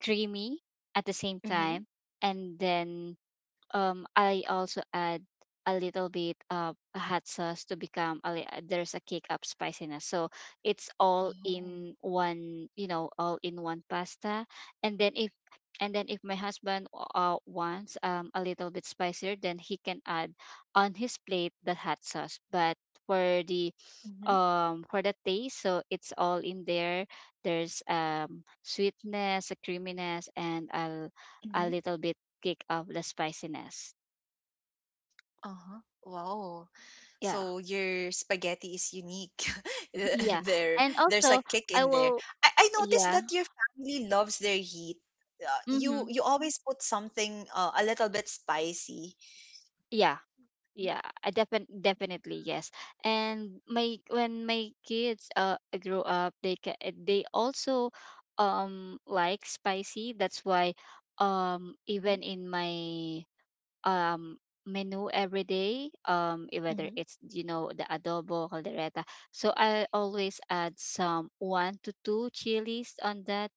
dreamy at the same Mm-hmm. time. And then I also add a little bit of a hot sauce to become a, there's a kick up spiciness. So it's all Oh. in one, you know, all in one pasta. And then if, my husband wants a little bit spicier, then he can add on his plate the hot sauce. But for the, Mm-hmm. For the taste, so it's all in there. There's sweetness, a creaminess, and a Mm-hmm. little bit kick of the spiciness. Uh-huh. Wow. Yeah. So your spaghetti is unique. Yeah. There, And there's a also kick I in there. will, I noticed yeah. that your family loves their heat. You Mhm. you always put something, a little bit spicy. Yeah. Yeah, I definitely yes. And my, when my kids grow up, they they also like spicy. That's why Mhm, even in my um menu every day, whether mhm, it's, you know, the adobo caldereta, so I always add some one to two chilies on that.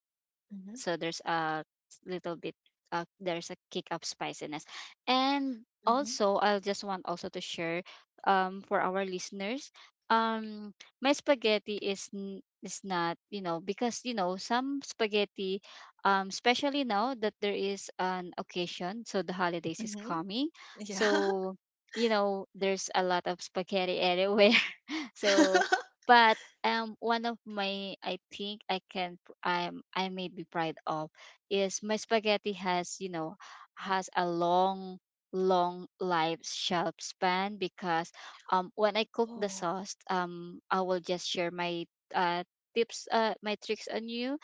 mhm, So there's a little bit, there's a kick of spiciness. And mhm, also I'll just want also to share, for our listeners, um my spaghetti is is not, you know, because you know some spaghetti, especially now that there is an occasion, so the holidays is mhm. coming, Yeah. so you know there's a lot of spaghetti everywhere. So, but one of my, I think I can I may be proud of, is my spaghetti has, you know, has a long, long life shelf span, because when I cook the Oh. sauce, I will just share my uh tips, my tricks on you.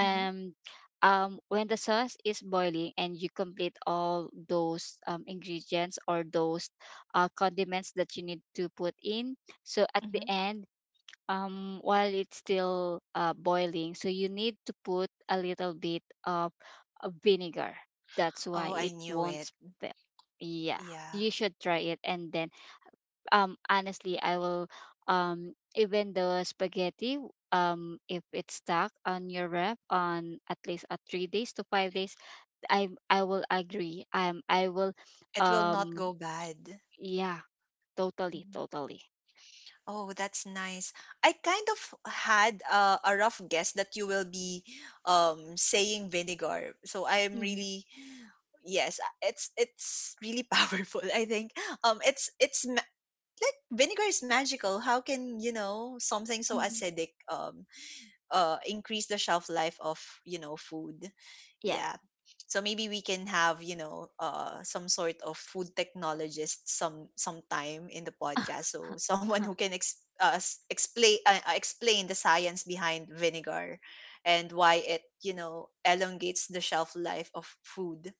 Mhm, um when the sauce is boiling and you complete all those ingredients, or those condiments that you need to put in, so at the mhm. end, while it's still boiling, so you need to put a little bit of vinegar. That's Oh, why I it knew won't it. spill. Yeah, Yeah, you should try it. And then, honestly, I will, even the spaghetti, if it's stuck on your ref on at least a 3 days to 5 days, I will agree. I will, it will not go um, bad. yeah, totally, Mhm. totally. Oh, that's nice. I kind of had, a rough guess that you will be, saying vinegar. So I am Mm-hmm. really, yes, it's really powerful. I think um it's it's ma- like vinegar is magical. How can, you know, something so Mm-hmm. acidic increase the shelf life of, you know, food? Yeah. Yeah. So maybe we can have, you know, uh, some sort of food technologist sometime in the podcast. So someone who can explain the science behind vinegar, and why it, you know, elongates the shelf life of food.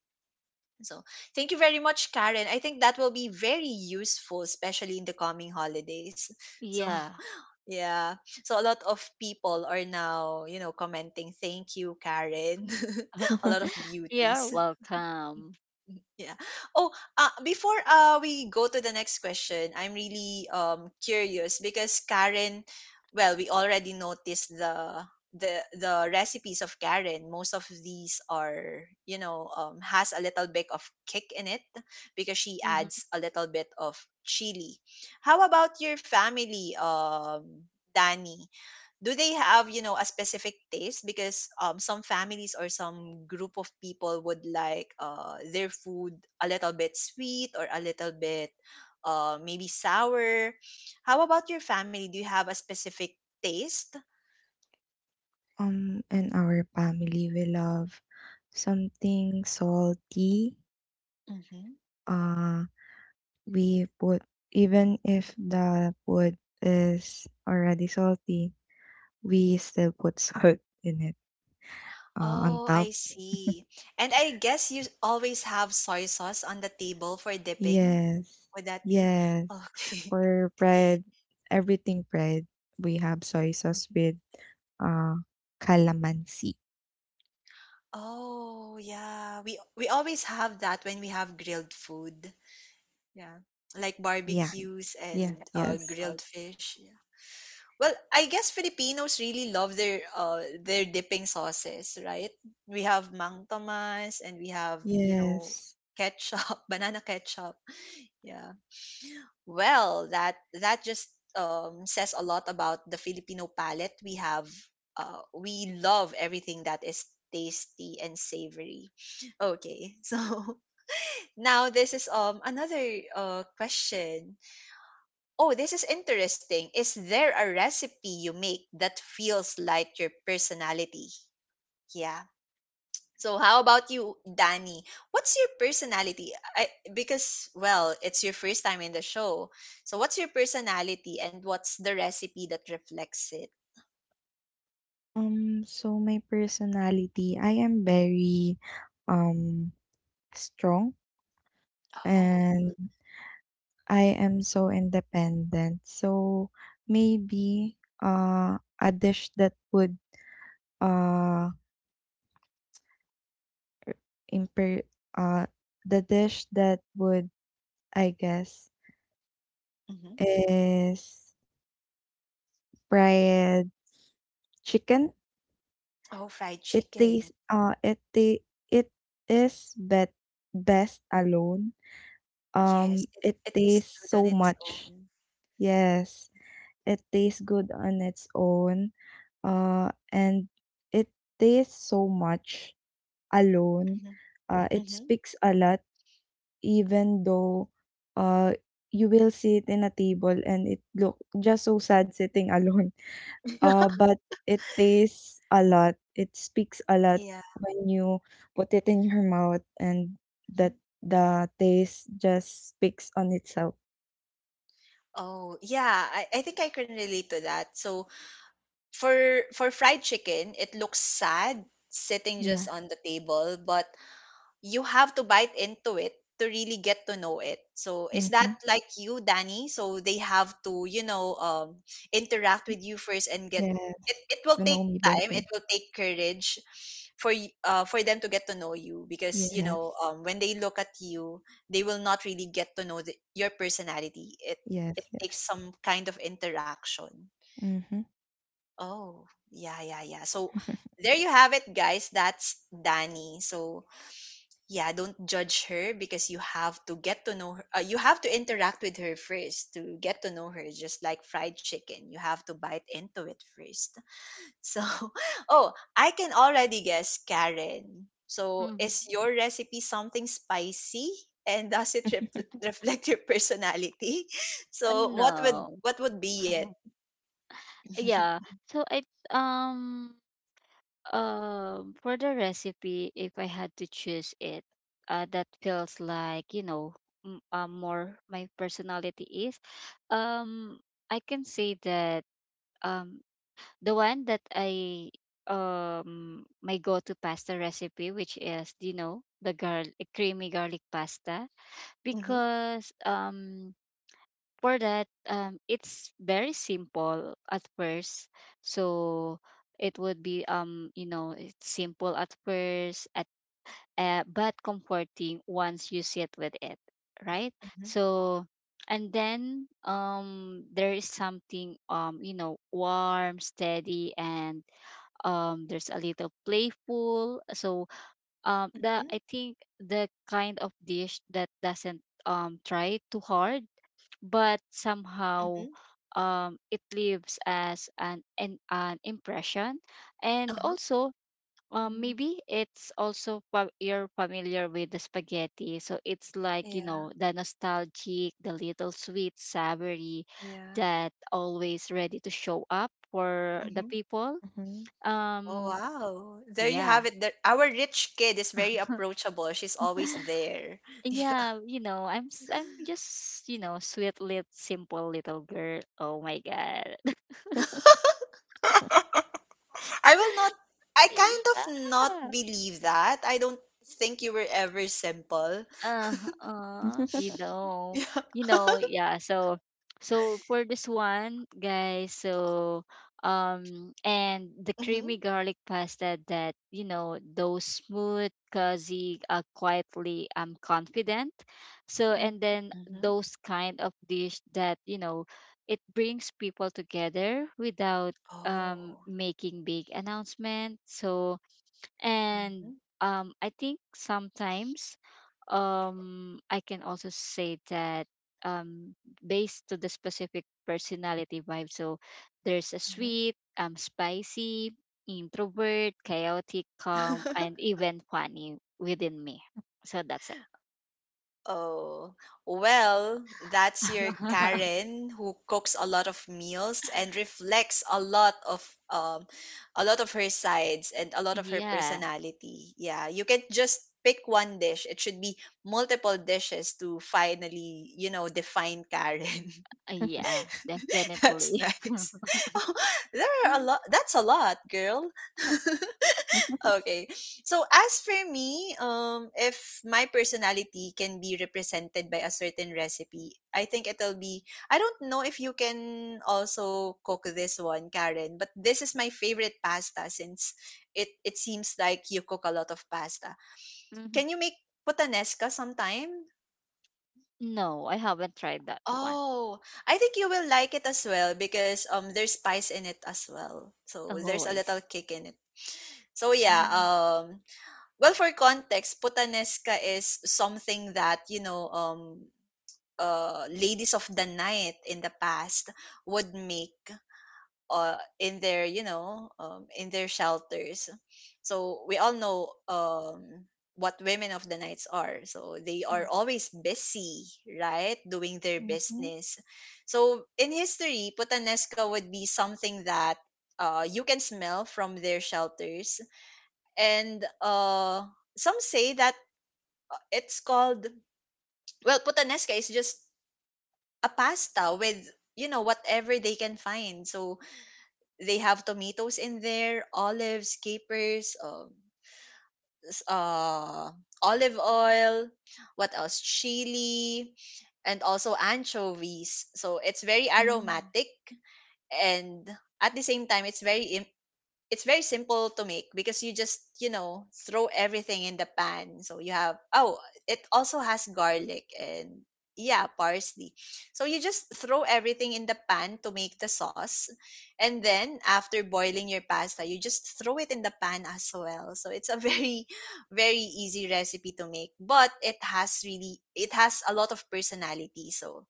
So thank you very much, Karen. I think that will be very useful, especially in the coming holidays. So Yeah, yeah. So a lot of people are now, you know, commenting, thank you, Karen. A lot of you're beauties. welcome. Yeah. Oh, before we go to the next question, I'm really, curious, because Karen, well, we already noticed the the recipes of Karen. Most of these are, you know, has a little bit of kick in it because she Mm-hmm. adds a little bit of chili. How about your family, Danny? Do they have, you know, a specific taste? Because um, some families or some group of people would like their food a little bit sweet or a little bit maybe sour. How about your family, do you have a specific taste? And our family, we love something salty. Hmm. Uh, we put, Even if the food is already salty, we still put salt in it, on Oh, top. I see. And I guess you always have soy sauce on the table for dipping, Yes, would that be yes. okay? For bread, everything bread, we have soy sauce Mhm. with uh, calamansi. Oh yeah, we always have that when we have grilled food. Yeah. Like Yeah. barbecues Yes, and, yes. Grilled fish. Yeah. Well, I guess Filipinos really love their dipping sauces, right? We have Mang Tomas, and we have, you know, yes. ketchup, banana ketchup. Yeah. Well, that just, um, says a lot about the Filipino palate. We have we love everything that is tasty and savory. Okay. So now this is, um, another question. Oh, this is interesting. Is there a recipe you make that feels like your personality? Yeah. So how about you, Danny? What's your personality? I, because well, it's your first time in the show. So what's your personality, and what's the recipe that reflects it? So my personality, I am very um strong Oh. and I am so independent. So maybe a dish that would uh imper uh the dish that would, I guess, Hmm. is fried chicken. Oh, fried It chicken. tastes it ta- it is bet best alone. Yes, it, It it tastes tastes good on so its much. own. Yes, it tastes good on its own. And it tastes so much alone. Hmm. It Hmm. speaks a lot, even though uh, you will sit in a table and it look just so sad sitting alone. But it tastes a lot. It speaks a lot Yeah. when you put it in your mouth and Mhm. that the taste just speaks on itself. Oh, yeah, I think I can relate to that. So for fried chicken, it looks sad sitting just Yeah. on the table, but you have to bite into it to really get to know it. So is that Mhm. like you, Danny? So they have to, you know, interact with you first and get it. Yes. It will You take know me time. better. It will take courage for for them to get to know you, because you know, Yes. When they look at you, they will not really get to know the, your personality. It Yes, takes yes. some kind of interaction. Mhm. Oh, yeah, yeah, yeah. So there you have it, guys. That's Danny. So yeah, don't judge her, because you have to get to know her. You have to interact with her first to get to know her, just like fried chicken. You have to bite into it first. So, oh, I can already guess, Karen. So Mm-hmm. is your recipe something spicy? And does it rep reflect your personality? So No. what would be it? Yeah. So I, um for the recipe, if I had to choose it, that feels like, you know, more my personality is. Um, I can say that um the one that I, my go-to pasta recipe, which is, you know, the garlic creamy garlic pasta, Mm-hmm. because for that, it's very simple at first. So it would be, you know, it's simple at first, at, but comforting once you sit with it, right? Mm-hmm. So, and then there is something, you know, warm, steady, and there's a little playful. So the Mm-hmm. I think the kind of dish that doesn't try too hard, but somehow, Mm-hmm. It leaves as an, an impression. And Uh-huh. also, Mhm. maybe it's also you're familiar with the spaghetti, so it's like, you Yeah. know, the nostalgic, the little sweet savory, Yeah. that always ready to show up for the Mm-hmm. people. Mhm. Oh, um wow. There you yeah, have it. There, our rich kid is very approachable. She's always there. Yeah. yeah, you know, I'm just, you know, sweet little simple little girl. Oh my god. I will not, I kind of not Yeah. believe that. I don't think you were ever simple. Uh, uh, you Mhm. know, Yeah. you know, yeah. So, so for this one, guys, so and the creamy Mm-hmm. garlic pasta that, you know, those smooth, cozy, quietly, confident. So, and then Mm-hmm. those kind of dish that, you know, it brings people together without Oh. making big announcement. So, Mm-hmm. and I think sometimes I can also say that um, based to the specific personality vibe. So there's a sweet, spicy, introvert, chaotic, calm, Mm-hmm. and even funny within me. So that's it. Oh, well, that's your Karen who cooks a lot of meals and reflects a lot of her sides and a lot of her Yeah, personality. Yeah, you can't just pick one dish. It should be multiple dishes to finally, define Karen. yeah, That's definitely. nice. There are a lot. That's a lot, girl. Okay. So as for me, if my personality can be represented by a certain recipe, I think it'll be. I don't know if you can also cook this one, Karen, but this is my favorite pasta since it seems like you cook a lot of pasta. Hmm. Can you make puttanesca sometime? No, I haven't tried that one. Oh, I think you will like it as well because there's spice in it as well. So there's Oh, a I see. little kick in it. So yeah, Mhm. Well, for context, putanesca is something that ladies of the night in the past would make in their in their shelters. So we all know what women of the nights are. So they are always busy, right, doing their business. So in history, putanesca would be something that you can smell from their shelters. And some say that it's called, well, putanesca is just a pasta with, whatever they can find. So they have tomatoes in there, olives, capers, s- uh, olive oil, what else? Chili, and also anchovies. So it's very Mhm. aromatic and at the same time it's very, it's very simple to make because you just, throw everything in the pan, so you have, oh, it also has garlic and, yeah, parsley. So you just throw everything in the pan to make the sauce, and then after boiling your pasta you just throw it in the pan as well. So it's a very very easy recipe to make, but it has really, it has a lot of personality. So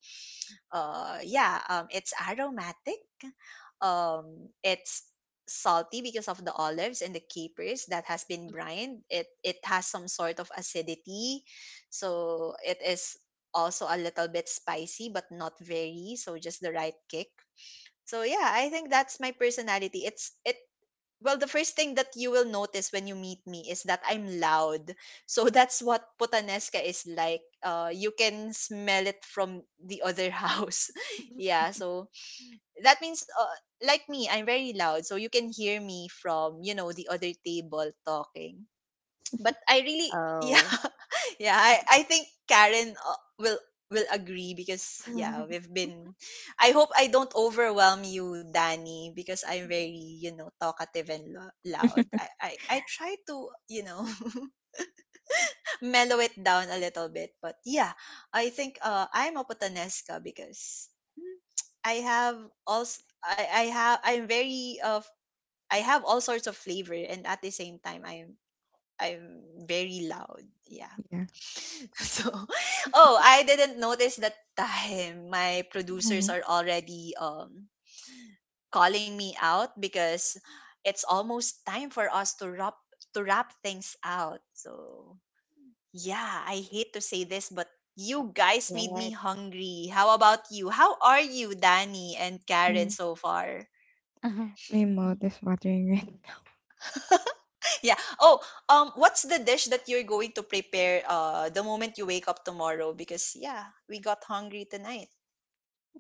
yeah it's aromatic, it's salty because of the olives and the capers that has been brined. It has some sort of acidity, so it is also a little bit spicy but not very, so just the right kick. So yeah, I think that's my personality. It's it Well, the first thing that you will notice when you meet me is that I'm loud. So that's what putanesca is like. You can smell it from the other house. Yeah, so that means like me, I'm very loud, so you can hear me from, the other table talking. But I really, yeah, Oh, yeah, I think Karen will agree because yeah, my we've been. I hope I don't overwhelm you, Danny, because I'm very, talkative and loud. I, I i try to, mellow it down a little bit. But yeah, I think I'm a Putanesca because mm, I have, also, I have, I'm very of, I have all sorts of flavor and at the same time I'm very loud. Yeah. Yeah. So, oh, I didn't notice that time. My producers Oh, are already calling me out because it's almost time for us to wrap, to wrap things out. So yeah, I hate to say this, but you guys made god. me hungry. How about you? How are you, Danny and Karen, mm. so far? Uh-huh. My mouth is watering right Yeah. Oh, what's the dish that you're going to prepare the moment you wake up tomorrow? Because yeah, we got hungry tonight.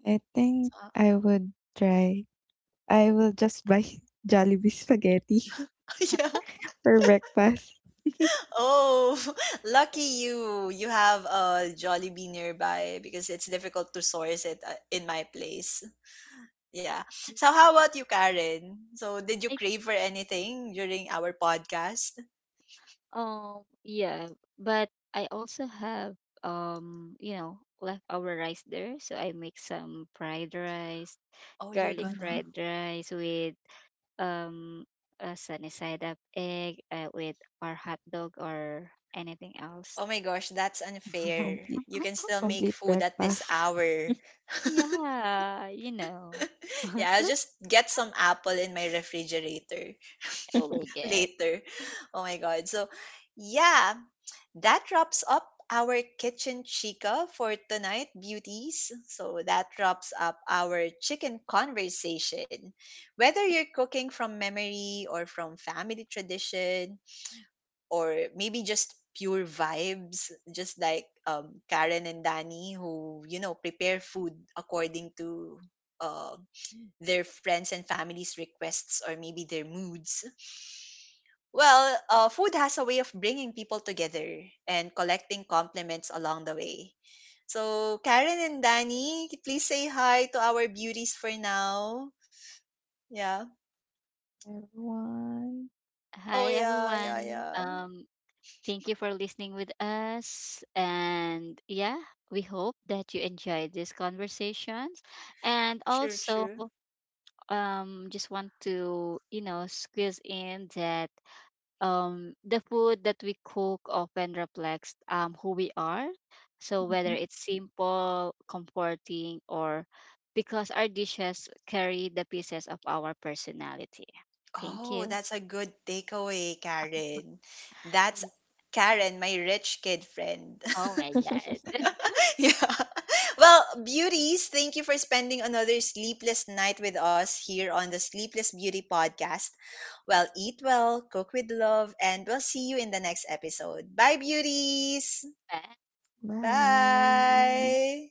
I think Uh, I would try. I will just buy Jollibee spaghetti yeah. for breakfast. Oh, Yeah. lucky you. You have a Jollibee nearby because it's difficult to source it in my place. Yeah. So how about you, Karen? So did you I, crave for anything during our podcast? Yeah, but I also have you know, leftover rice there, so I make some fried rice, Oh, you're garlic Mhm. gonna. fried rice with um a sunny side up egg, with or hot dog or anything else. Oh my gosh, that's unfair. Complete You can still make complete food at this breakfast. hour. Yeah, you know. Yeah, I'll just get some apple in my refrigerator Oh my god. later. Oh my god. So yeah, that wraps up our kitchen chica for tonight, beauties. So that wraps up our chicken conversation. Whether you're cooking from memory or from family tradition or maybe just pure vibes, just like Karen and Danny, who, prepare food according to. Uh, their friends and family's requests or maybe their moods. Well, food has a way of bringing people together and collecting compliments along the way. So, Karen and Danny, please say hi to our beauties for now. Yeah. Everyone. Oh, Hi yeah, yeah, everyone. yeah. Thank you for listening with us. And yeah, we hope that you enjoyed these conversations. And Sure, also, true. Just want to, you know, squeeze in that the food that we cook often reflects who we are. So, whether Mhm. it's simple, comforting, or, because our dishes carry the pieces of our personality. Thank Oh, you. that's a good takeaway, Karen. That's Karen, my rich kid friend. Oh my god. Yeah. Well, beauties, thank you for spending another sleepless night with us here on the Sleepless Beauty podcast. Well, eat well, cook with love, and we'll see you in the next episode. Bye, beauties. Bye. Bye. Bye.